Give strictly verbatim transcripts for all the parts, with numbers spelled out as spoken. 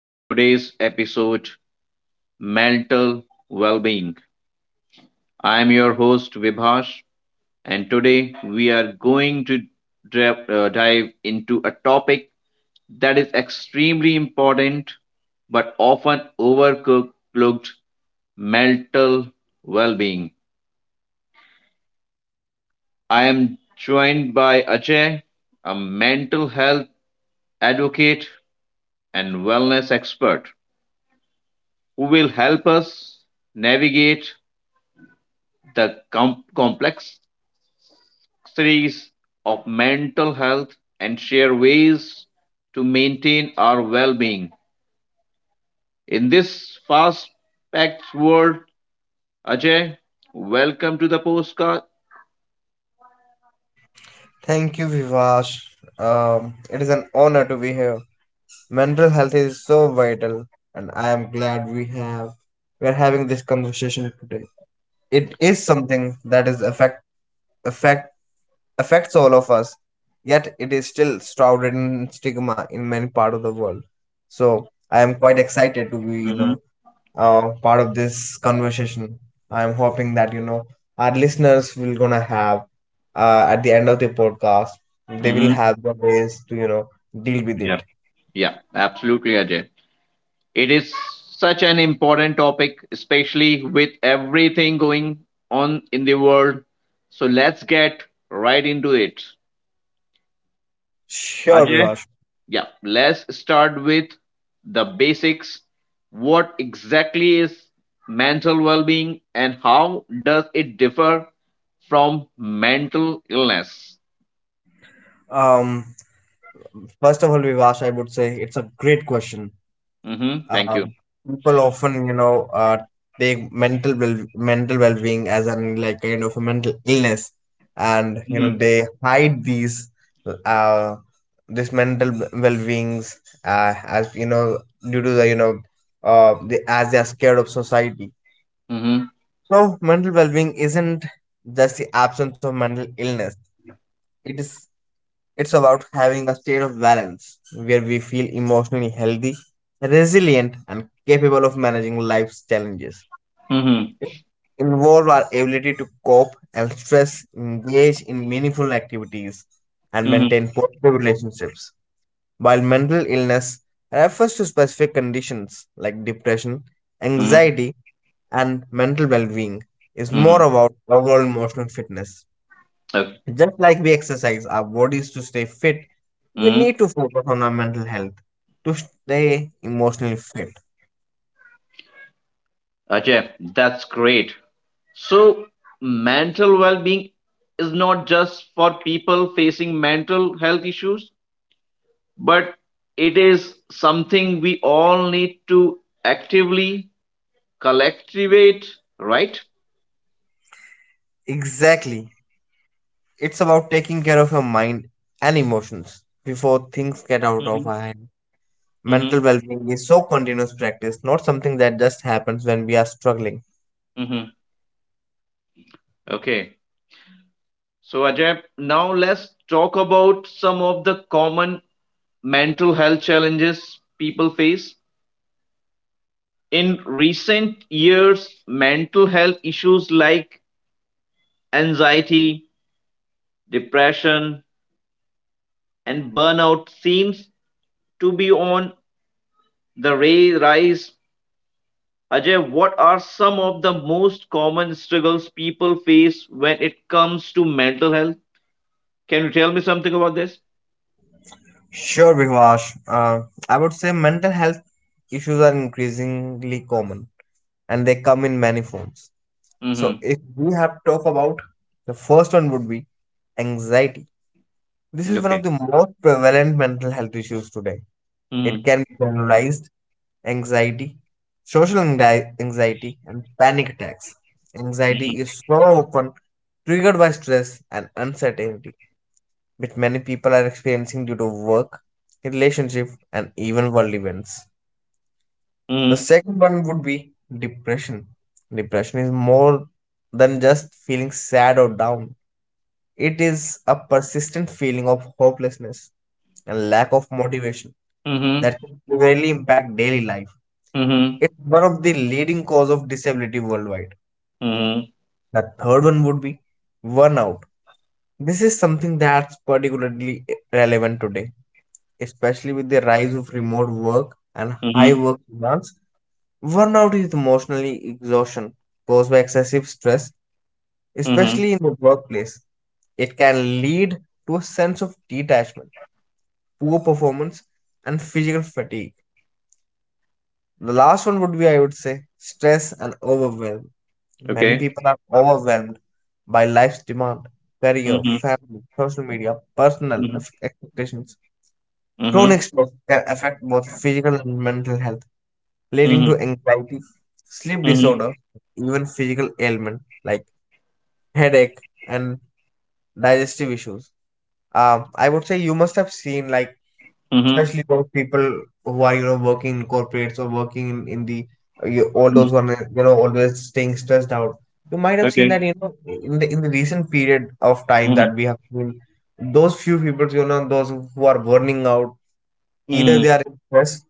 to today's episode Mental well-being. I am your host Vibhash and today we are going to dra- uh, dive into a topic that is extremely important but often overlooked mental well-being. I am joined by Ajay, a mental health advocate and wellness expert who will help us navigate the com- complexities of mental health and share ways to maintain our well being. In this fast packed world, Ajay, welcome to the postcard. Thank you, Vivash. Um, it is an honor to be here. Mental health is so vital, and I am glad we have we are having this conversation today. It is something that is affect affect affects all of us, yet it is still shrouded in stigma in many part of the world. So I am quite excited to be you Mm-hmm. know uh, part of this conversation. I'm hoping that you know our listeners will gonna have, uh, at the end of the podcast, they will Mm-hmm. have the ways to you know deal with Yep. it. Yeah, absolutely, Ajay. It is such an important topic, especially with everything going on in the world. So let's get right into it. Sure, Ajay, Vivash. yeah, let's start with the basics. What exactly is mental well being and how does it differ from mental illness? Um, First of all, Vivash, I would say it's a great question. Mm-hmm. Thank you. Um, People often, you know, uh, take mental well mental well-being as an like kind of a mental illness, and you know Mm-hmm. they hide these uh this mental w- well-beings, uh, as you know, due to the you know uh the, as they are scared of society. Mm-hmm. No, mental well-being isn't just the absence of mental illness. It is it's about having a state of balance where we feel emotionally healthy, resilient, and capable of managing life's challenges. Mm-hmm. It involves our ability to cope and stress, engage in meaningful activities, and Mm-hmm. maintain positive relationships. While mental illness refers to specific conditions like depression, Mm-hmm. anxiety, and mental well being, is Mm-hmm. more about overall emotional fitness. Okay. Just like we exercise our bodies to stay fit, we Mm-hmm. need to focus on our mental health to stay emotionally fit. Ajay, that's great. So, mental well being is not just for people facing mental health issues, but it is something we all need to actively collectivate, right? Exactly. It's about taking care of your mind and emotions before things get out Mm-hmm. of our hand. Mm-hmm. Mental well being is so continuous practice, not something that just happens when we are struggling. Mm-hmm. Okay. So, Ajay, now let's talk about some of the common mental health challenges people face. In recent years, mental health issues like anxiety, depression, and burnout seems to be on the ra- rise. Ajay, what are some of the most common struggles people face when it comes to mental health? Can you tell me something about this? Sure, Vivash. Uh, I would say mental health issues are increasingly common and they come in many forms. So Mm-hmm. if we have to talk about, the first one would be anxiety. This is one of Okay. the most prevalent mental health issues today. It Mm-hmm. can be generalized anxiety, social anxi- anxiety, and panic attacks. Anxiety is Mm-hmm. so often triggered by stress and uncertainty, which many people are experiencing due to work, relationship, and even world events. The second one would be depression. Depression is more than just feeling sad or down. It is a persistent feeling of hopelessness and lack of motivation Mm-hmm. that can severely impact daily life. Mm-hmm. It's one of the leading cause of disability worldwide. Mm-hmm. The third one would be burnout. This is something that's particularly relevant today, especially with the rise of remote work and high Mm-hmm. work demands. Burnout is emotionally exhaustion caused by excessive stress, Mm-hmm. especially in the workplace. It can lead to a sense of detachment, poor performance, and physical fatigue. The last one would be, I would say, stress and overwhelm. Many Okay. people are overwhelmed by life's demand, career, Mm-hmm. family, social media, personal Mm-hmm. ex- expectations. Mm-hmm. Chronic stress can affect both physical and mental health, leading to Mm-hmm. anxiety, sleep Mm-hmm. disorder, even physical ailment like headache and digestive issues. Um, I would say you must have seen, like, Mm-hmm. especially those people who are you know working in corporates or working in, in the, uh, you, all Mm-hmm. those who are you know always staying stressed out, you might have seen that Okay. you know in the in the recent period of time Mm-hmm. that we have seen those few people, you know, those who are burning out, either Mm-hmm. they are in stress,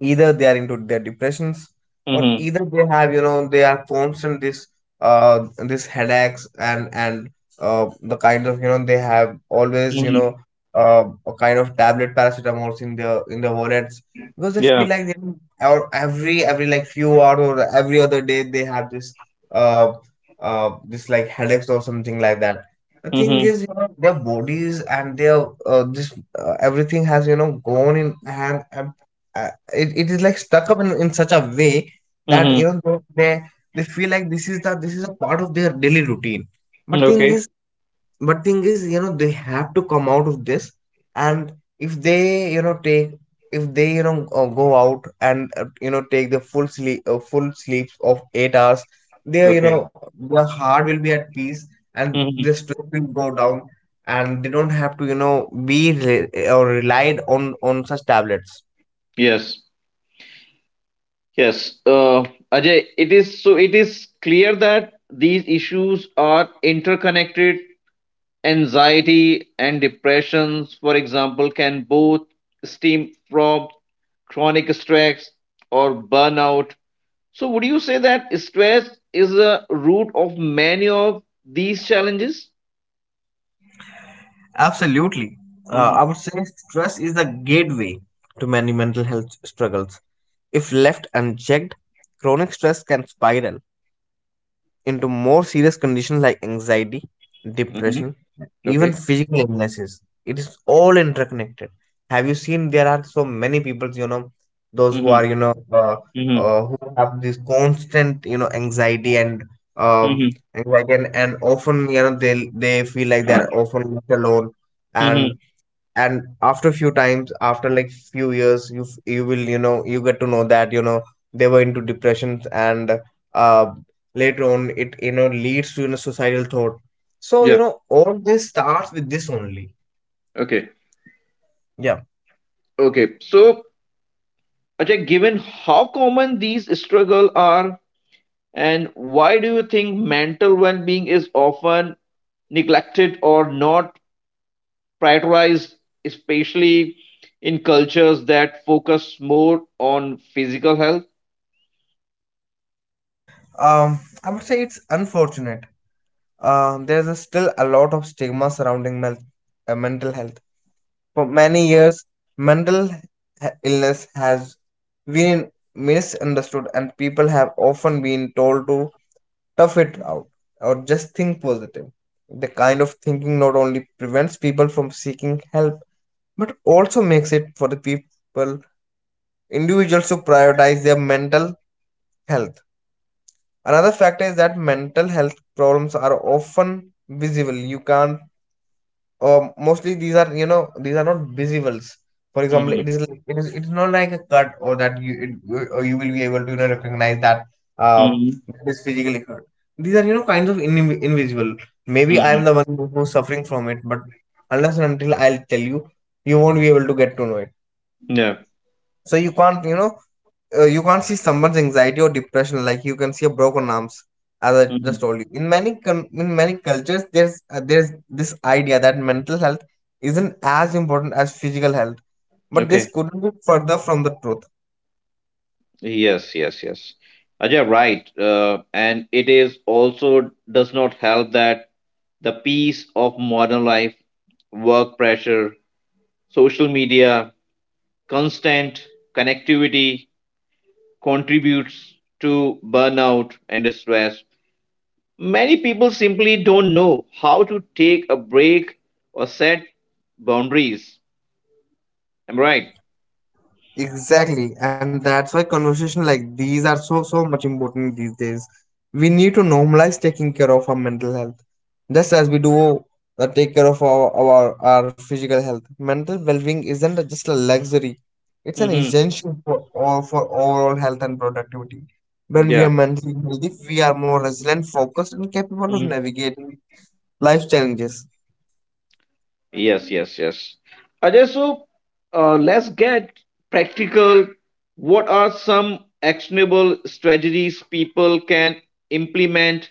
either they are into their depressions, or Mm-hmm. either they have you know they are constant this uh this headaches and and uh the kind of you know they have always you know, Mm-hmm. uh, a kind of tablet paracetamols in their in their wallets because they feel Yeah. like you know, or every every like few hours or every other day they have this uh uh this like headaches or something like that. The thing Mm-hmm. is you know their bodies and their, uh, this uh, everything has you know gone in hand, and it, it is like stuck up in, in such a way that you Mm-hmm. know though they they feel like this is the this is a part of their daily routine, Mm-hmm. but thing Okay. is, but thing is you know they have to come out of this. And if they you know take, if they you know, uh, go out and, uh, you know, take the full sleep uh, full sleeps of eight hours, their you know Okay. their heart will be at peace and their Mm-hmm. stress will go down, and they don't have to you know be re- or relied on on such tablets. Yes. Yes, uh, Ajay, it is so it is clear that these issues are interconnected. Anxiety and depressions, for example, can both stem from chronic stress or burnout. So, would you say that stress is a root of many of these challenges? Absolutely. Uh, hmm. I would say stress is the gateway to many mental health struggles. If left unchecked, chronic stress can spiral into more serious conditions like anxiety, Hmm. depression, even Okay. physical illnesses. It is all interconnected. Have you seen there are so many people, you know, those who are, Hmm. You know, uh, hmm. uh, who have this constant, you know, anxiety and, um, Hmm. anxiety and, and often, you know, they they feel like they're often left alone, Hmm. and and after few times, after like few years, you f- you will you know you get to know that you know they were into depressions and, uh later on it you know leads to you know suicidal thought. So you Yeah. know all this starts with this only. Okay. Yeah. Okay. So, Ajay, given how common these struggles are, and why do you think mental well being is often neglected or not prioritized, especially in cultures that focus more on physical health? Um i would say it's unfortunate. Uh, there's a still a lot of stigma surrounding mel- uh, mental health. For many years, mental he- illness has been misunderstood and people have often been told to tough it out or just think positive. The kind of thinking not only prevents people from seeking help but also makes it for the people individuals to prioritize their mental health. Another factor is that mental health problems are often visible. You can't, um, mostly these are you know these are not visibles. For example, Hmm. it is it is it's not like a cut or that you it, or you will be able to you know recognize that, um Hmm. it is physically cut. These are you know kinds of in, invisible. Maybe I Hmm. am the one who's suffering from it, but unless and until I'll tell you, you won't be able to get to know it. Yeah. So you can't, you know, uh, you can't see someone's anxiety or depression like you can see a broken arms. As I just Hmm. told you, in many com- in many cultures there's, uh, there's this idea that mental health isn't as important as physical health, but this Okay. couldn't be further from the truth. Yes, yes, yes. Ajay, right. Uh, and it is also does not help that the pace of modern life, work pressure, social media, constant connectivity, contributes to burnout and stress. Many people simply don't know how to take a break or set boundaries. Am I right? Exactly, and that's why conversations like these are so so much important these days. We need to normalize taking care of our mental health, just as we do, uh, take care of our, our our physical health. Mental well-being isn't just a luxury; it's an Mm-hmm. essential for all for overall health and productivity. When we Yeah. are mentally healthy, we are more resilient, focused, and capable of Mhm. navigating life challenges. Yes, yes, yes. Ajay, so uh, let's get practical. What are some actionable strategies people can implement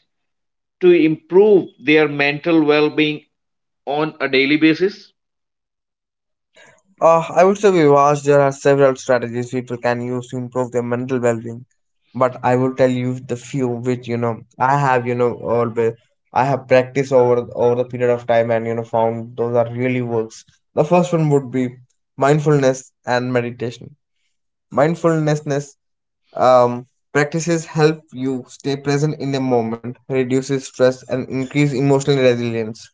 to improve their mental well being on a daily basis? Uh, I would say, Vivas, there are several strategies people can use to improve their mental well-being, but I will tell you the few which you know I have you know always I have practiced over over the period of time and you know found those are really works. The first one would be mindfulness and meditation. Mindfulness, um, practices help you stay present in the moment, reduces stress, and increase emotional resilience.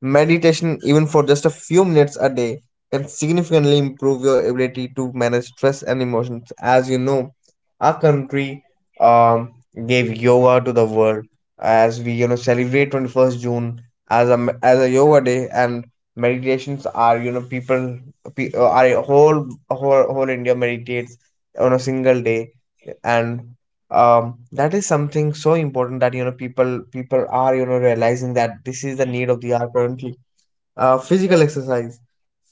Meditation, even for just a few minutes a day, can significantly improve your ability to manage stress and emotions. As you know, our country, um, gave yoga to the world, as we you know celebrate the twenty-first of June as a me- as a yoga day, and meditations are you know people, pe- uh, are whole whole whole India meditates on a single day. And, um that is something so important that you know people people are you know realizing that this is the need of the hour currently. uh physical exercise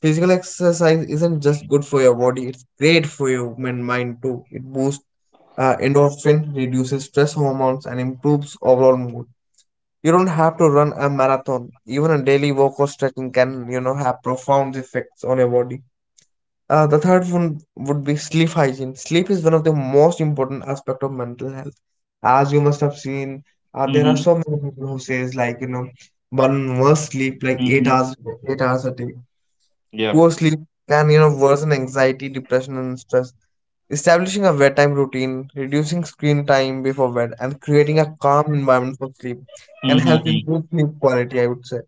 Physical exercise isn't just good for your body, it's great for your min- mind too. It boosts, uh, endorphin, reduces stress hormones and improves overall mood. You don't have to run a marathon; even a daily walk or stretching can you know have profound effects on your body. Uh, the third one would be sleep hygiene. Sleep is one of the most important aspect of mental health. As you must have seen, uh, there are Mm-hmm. so many people who says like you know one must sleep like eight Mm-hmm. hours, eight hours a day. Yeah. Poor sleep can you know worsen anxiety, depression, and stress. Establishing a bedtime routine, reducing screen time before bed, and creating a calm environment for sleep can help Mm-hmm. improve sleep quality, I would say.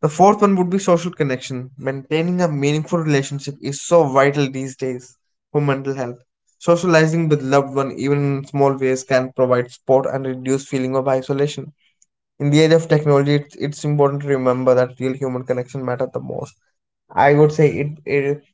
The fourth one would be social connection. Maintaining a meaningful relationship is so vital these days for mental health. Socializing with loved ones, even in small ways, can provide support and reduce feeling of isolation. In the age of technology, it's, it's important to remember that real human connection matter the most. I would say it, it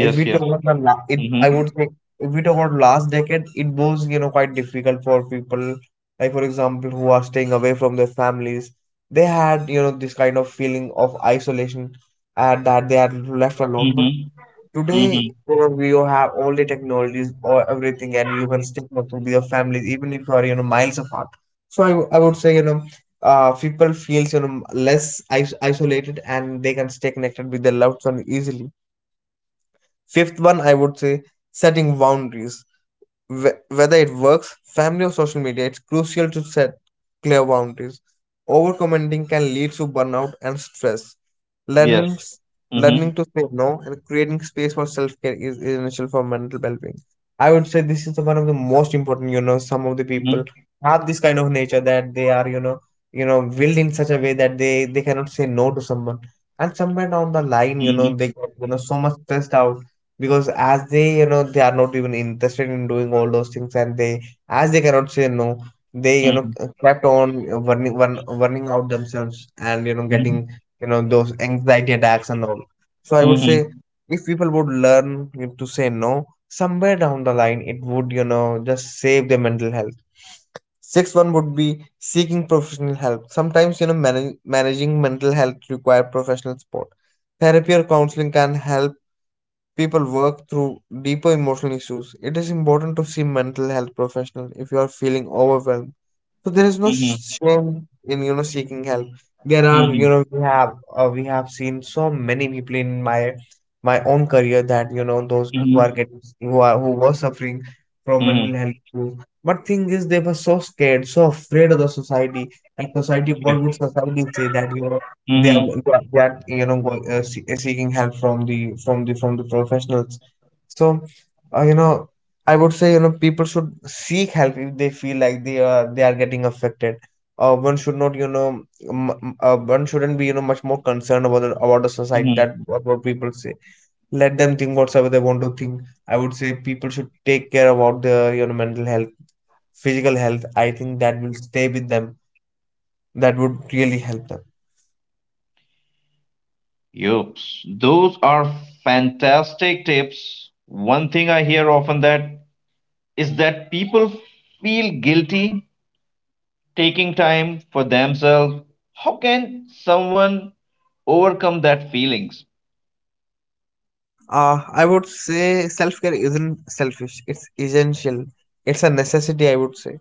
if we yes. talk about the la- it, I Mm-hmm. would say if we talk about last decade, it was you know quite difficult for people, like for example who are staying away from their families. They had you know this kind of feeling of isolation and that they are left alone. But Mm-hmm. Mm-hmm. today, you know, we all have all the technologies or everything, and you can still connect with your families even if you are you know miles apart. So I, w- I would say you know. Uh, people feels you know less is- isolated and they can stay connected with their loved one easily. Fifth one, I would say setting boundaries. Wh- whether it works, family or social media, it's crucial to set clear boundaries. Overcommenting can lead to burnout and stress. Yes. Learning, s- Mm-hmm. Learning to say no and creating space for self care is essential for mental well being. I would say this is one of the most important. You know, some of the people Mm-hmm. have this kind of nature that they are, you know, you know, willed in such a way that they they cannot say no to someone. And somewhere down the line, you Mm-hmm. know, they get you know so much stressed out because as they you know they are not even interested in doing all those things, and they, as they cannot say no, they you know kept on uh, burning burn, burning out themselves and you know Mm-hmm. getting you know those anxiety attacks and all. So I would Mm-hmm. say Mm-hmm. if people would learn to say no, somewhere down the line it would you know just save their mental health. Sixth one would be seeking professional help. Sometimes you know manage, managing mental health require professional support. Therapy or counseling can help people work through deeper emotional issues. It is important to see mental health professional if you are feeling overwhelmed. So there is no Mm-hmm. sh- shame in you know seeking help. There are you Mm-hmm. know We have uh, we have seen so many people in my my own career that you know those who are getting, who are, who were suffering from mental Mm-hmm. health issues. But thing is, they were so scared, so afraid of the society, and society. What would society say that you know they are Mm-hmm. they are, they are you know go, uh, see, seeking help from the from the from the professionals. So, uh, you know I would say you know people should seek help if they feel like they are they are getting affected. Uh, one should not, you know m- m- uh, one shouldn't be you know much more concerned about the, about the society, Mm-hmm. that what, what people say. Let them think whatsoever they want to think. I would say people should take care about their you know mental health, physical health. I think that will stay with them. That would really help them. Yups. Those are fantastic tips. One thing I hear often that is that people feel guilty taking time for themselves. How can someone overcome that feelings? Uh, I would say self care isn't selfish, it's essential. It's a necessity, I would say.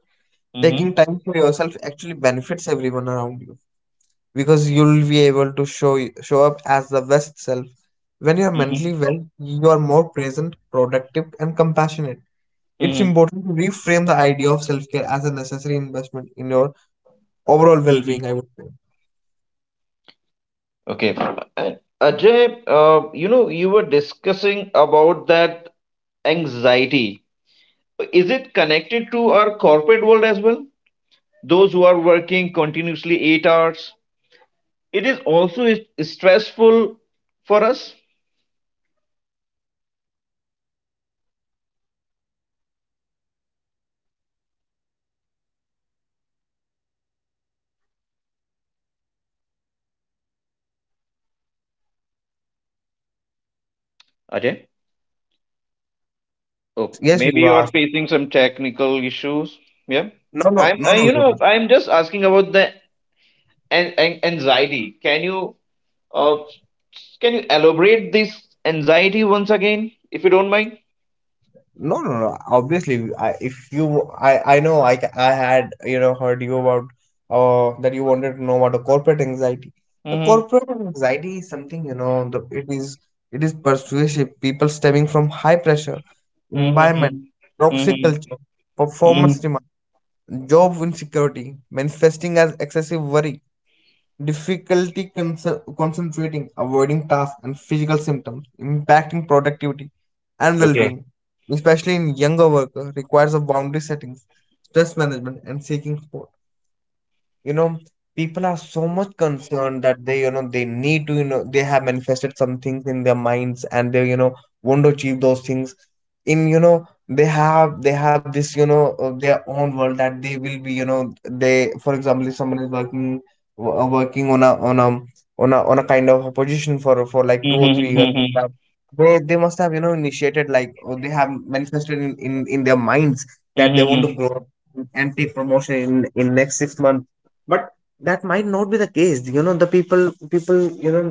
Taking Mm-hmm. time for yourself actually benefits everyone around you because you'll be able to show y- show up as the best self. When you're mentally well, you are more present, productive, and compassionate. It's Mm-hmm. important to reframe the idea of self care as a necessary investment in your overall well being, Mm-hmm. I would say. Okay. And Ajay, uh, you know, you were discussing about that anxiety. Is it connected to our corporate world as well? Those who are working continuously eight hours. It is also is- stressful for us. Ajay? Yes, yes, Oh, yes, we maybe you are asked. facing some technical issues. Yeah. No, no, I'm, no, I, no, you know, I'm just asking about the an- an- anxiety. Can you, uh, can you elaborate this anxiety once again, if you don't mind? no, no, no. Obviously, I, if you, I, I know, I, ca- I had, you know, heard you about, uh, that you wanted to know about a corporate anxiety. The Mm-hmm. corporate anxiety is something, you know, the, it is, it is persuasive. People stemming from high pressure, environment, Mhm, toxic mhm, culture, performance mhm. demand, job insecurity, manifesting as excessive worry, difficulty conce- concentrating, avoiding tasks, and physical symptoms, impacting productivity and well Okay. being, especially in younger workers, requires a boundary settings, stress management, and seeking support. You know, people are so much concerned that they, you know they need to, you know they have manifested some things in their minds, and they you know want to achieve those things. In you know they have they have this, you know uh, their own world, that they will be, you know they, for example, if someone is working, wo- uh, working on a on a on a on a kind of a position for for like two or Mhm, three years uh, mhm, they they must have, you know initiated, like, or they have manifested in in, in their minds that they want to mhm, grow up and take promotion in in next six months, but that might not be the case. You know, the people people, you know,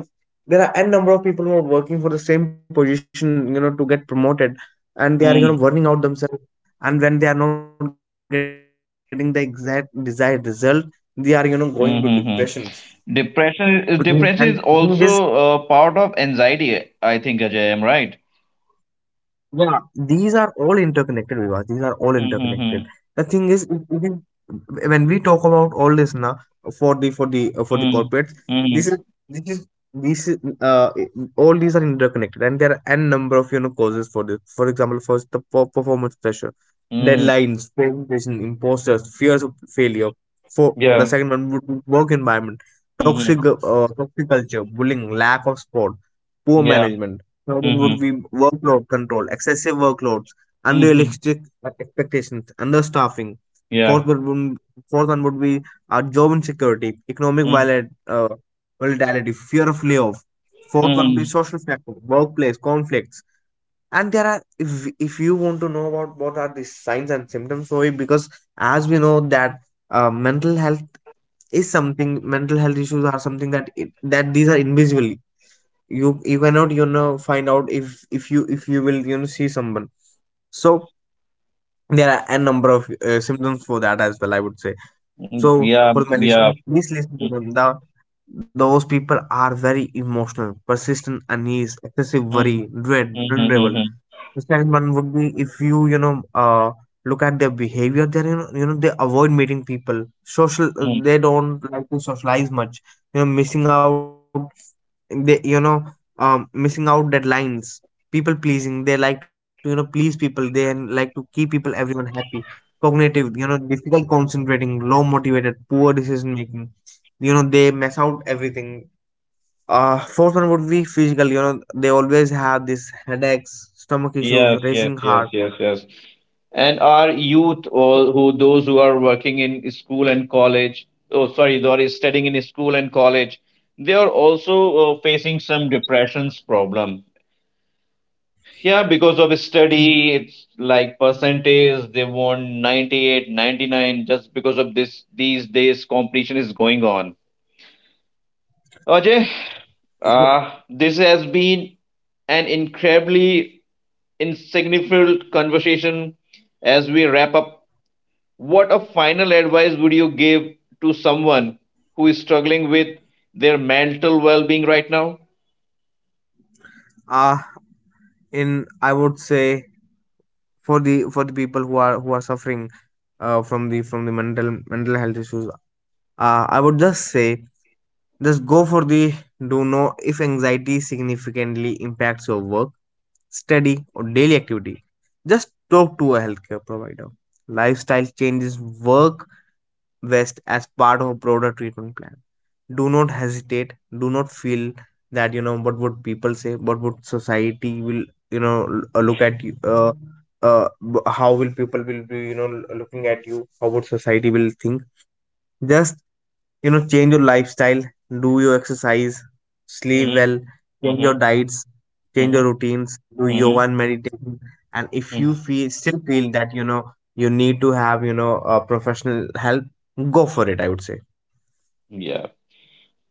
there are n number of people who are working for the same position, you know, to get promoted, and they are you know burning mhm, out themselves. And when they are not getting the exact desired result, they are you know going to depressions. mhm, mhm. Mhm. And thing Depression, is. is depression is also uh, part of anxiety, I think, Ajay, am right? Yeah, these are all interconnected, Vivas. These are all interconnected. The thing Mm-hmm. is, it- it is- when we talk about all this now, for the for the uh, for the corporates, Mm-hmm. this is, Mm-hmm. this is this is, uh all these are interconnected, and there are n number of you know causes for this. For example, first the per- performance pressure, Mm-hmm. deadlines, presentation, imposters, fears of failure. For the Yeah. second one would be work environment, Mm-hmm. toxic uh, toxic culture, bullying, lack of sport, poor Yeah. management. Third one would Mm-hmm. be workload control, excessive workloads, Mm-hmm. unrealistic expectations, understaffing. Fourth Yeah. one, Fourth one would be uh, job insecurity, economic Mm-hmm. viola- uh, volatility, fear of layoff. Fourth one would be social factors, workplace conflicts. And there are, if, if you want to know about what are the signs and symptoms for it, because as we know that uh, mental health is something, mental health issues are something that it, that these are invisible. You, you cannot, you know, find out if if you if you will, you know, see someone. So there are a number of uh, symptoms for that as well, I would say. So Yeah. for my Yeah. listeners, please listen to them. Mm-hmm. The those people are very emotional, persistent unease, excessive worry, Mm-hmm. dread, vulnerable. Mm-hmm. The second one would be, if you, you know, uh, look at their behavior, they're, you know, you know, they avoid meeting people, social, uh, Mm-hmm. they don't like to socialize much, you know, missing out, they, you know um missing out deadlines. People pleasing, they like to, you know, please people. They like to keep people, everyone happy. Cognitive, you know, difficult concentrating, low motivated, poor decision making. You know, they mess out everything. Uh fourth one would be physical. You know, they always have this headaches, stomach Yes, issues, yes, racing yes, heart. yes, yes. And our youth or who those who are working in school and college, oh sorry, they are studying in school and college, they are also uh, facing some depressions problem, yeah, because of in- study it's like percentage they want ninety eight, ninety nine, just because of this these days competition is going on. Ajay, in- uh, this has been an incredibly insignificant conversation as we wrap up. What a final advice would you give to someone who is struggling with their mental well being right now? uh in, I would say, for the for the people who are who are suffering uh, from the from the mental mental health issues, Uh, I would just say just go for the, do know if anxiety significantly impacts your work, study, or daily activity. Just talk to a healthcare provider. Lifestyle changes work best as part of a broader treatment plan. Do not hesitate. Do not feel that, you know, what would people say, what would society will, you know l- uh, look at you. Uh, uh, b- how will people will be, you know, l- looking at you? How would society will think? Just, you know, change your lifestyle, do your exercise, sleep Mhm, well, change mhm, your diets, change your mhm, routines, do yoga mhm, and meditation. And if you mhm. feel still feel that, you know, you need to have, you know, a professional help, go for it, I would say. Yeah.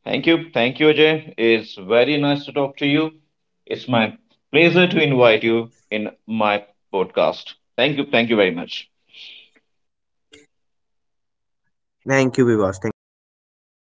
Thank you. Thank you, Ajay. It's very nice to talk to you. It's my pleasure to invite you in my podcast. Thank you. Thank you very much. Thank you, Vivas. Thank you so much. Thank you, Ajay.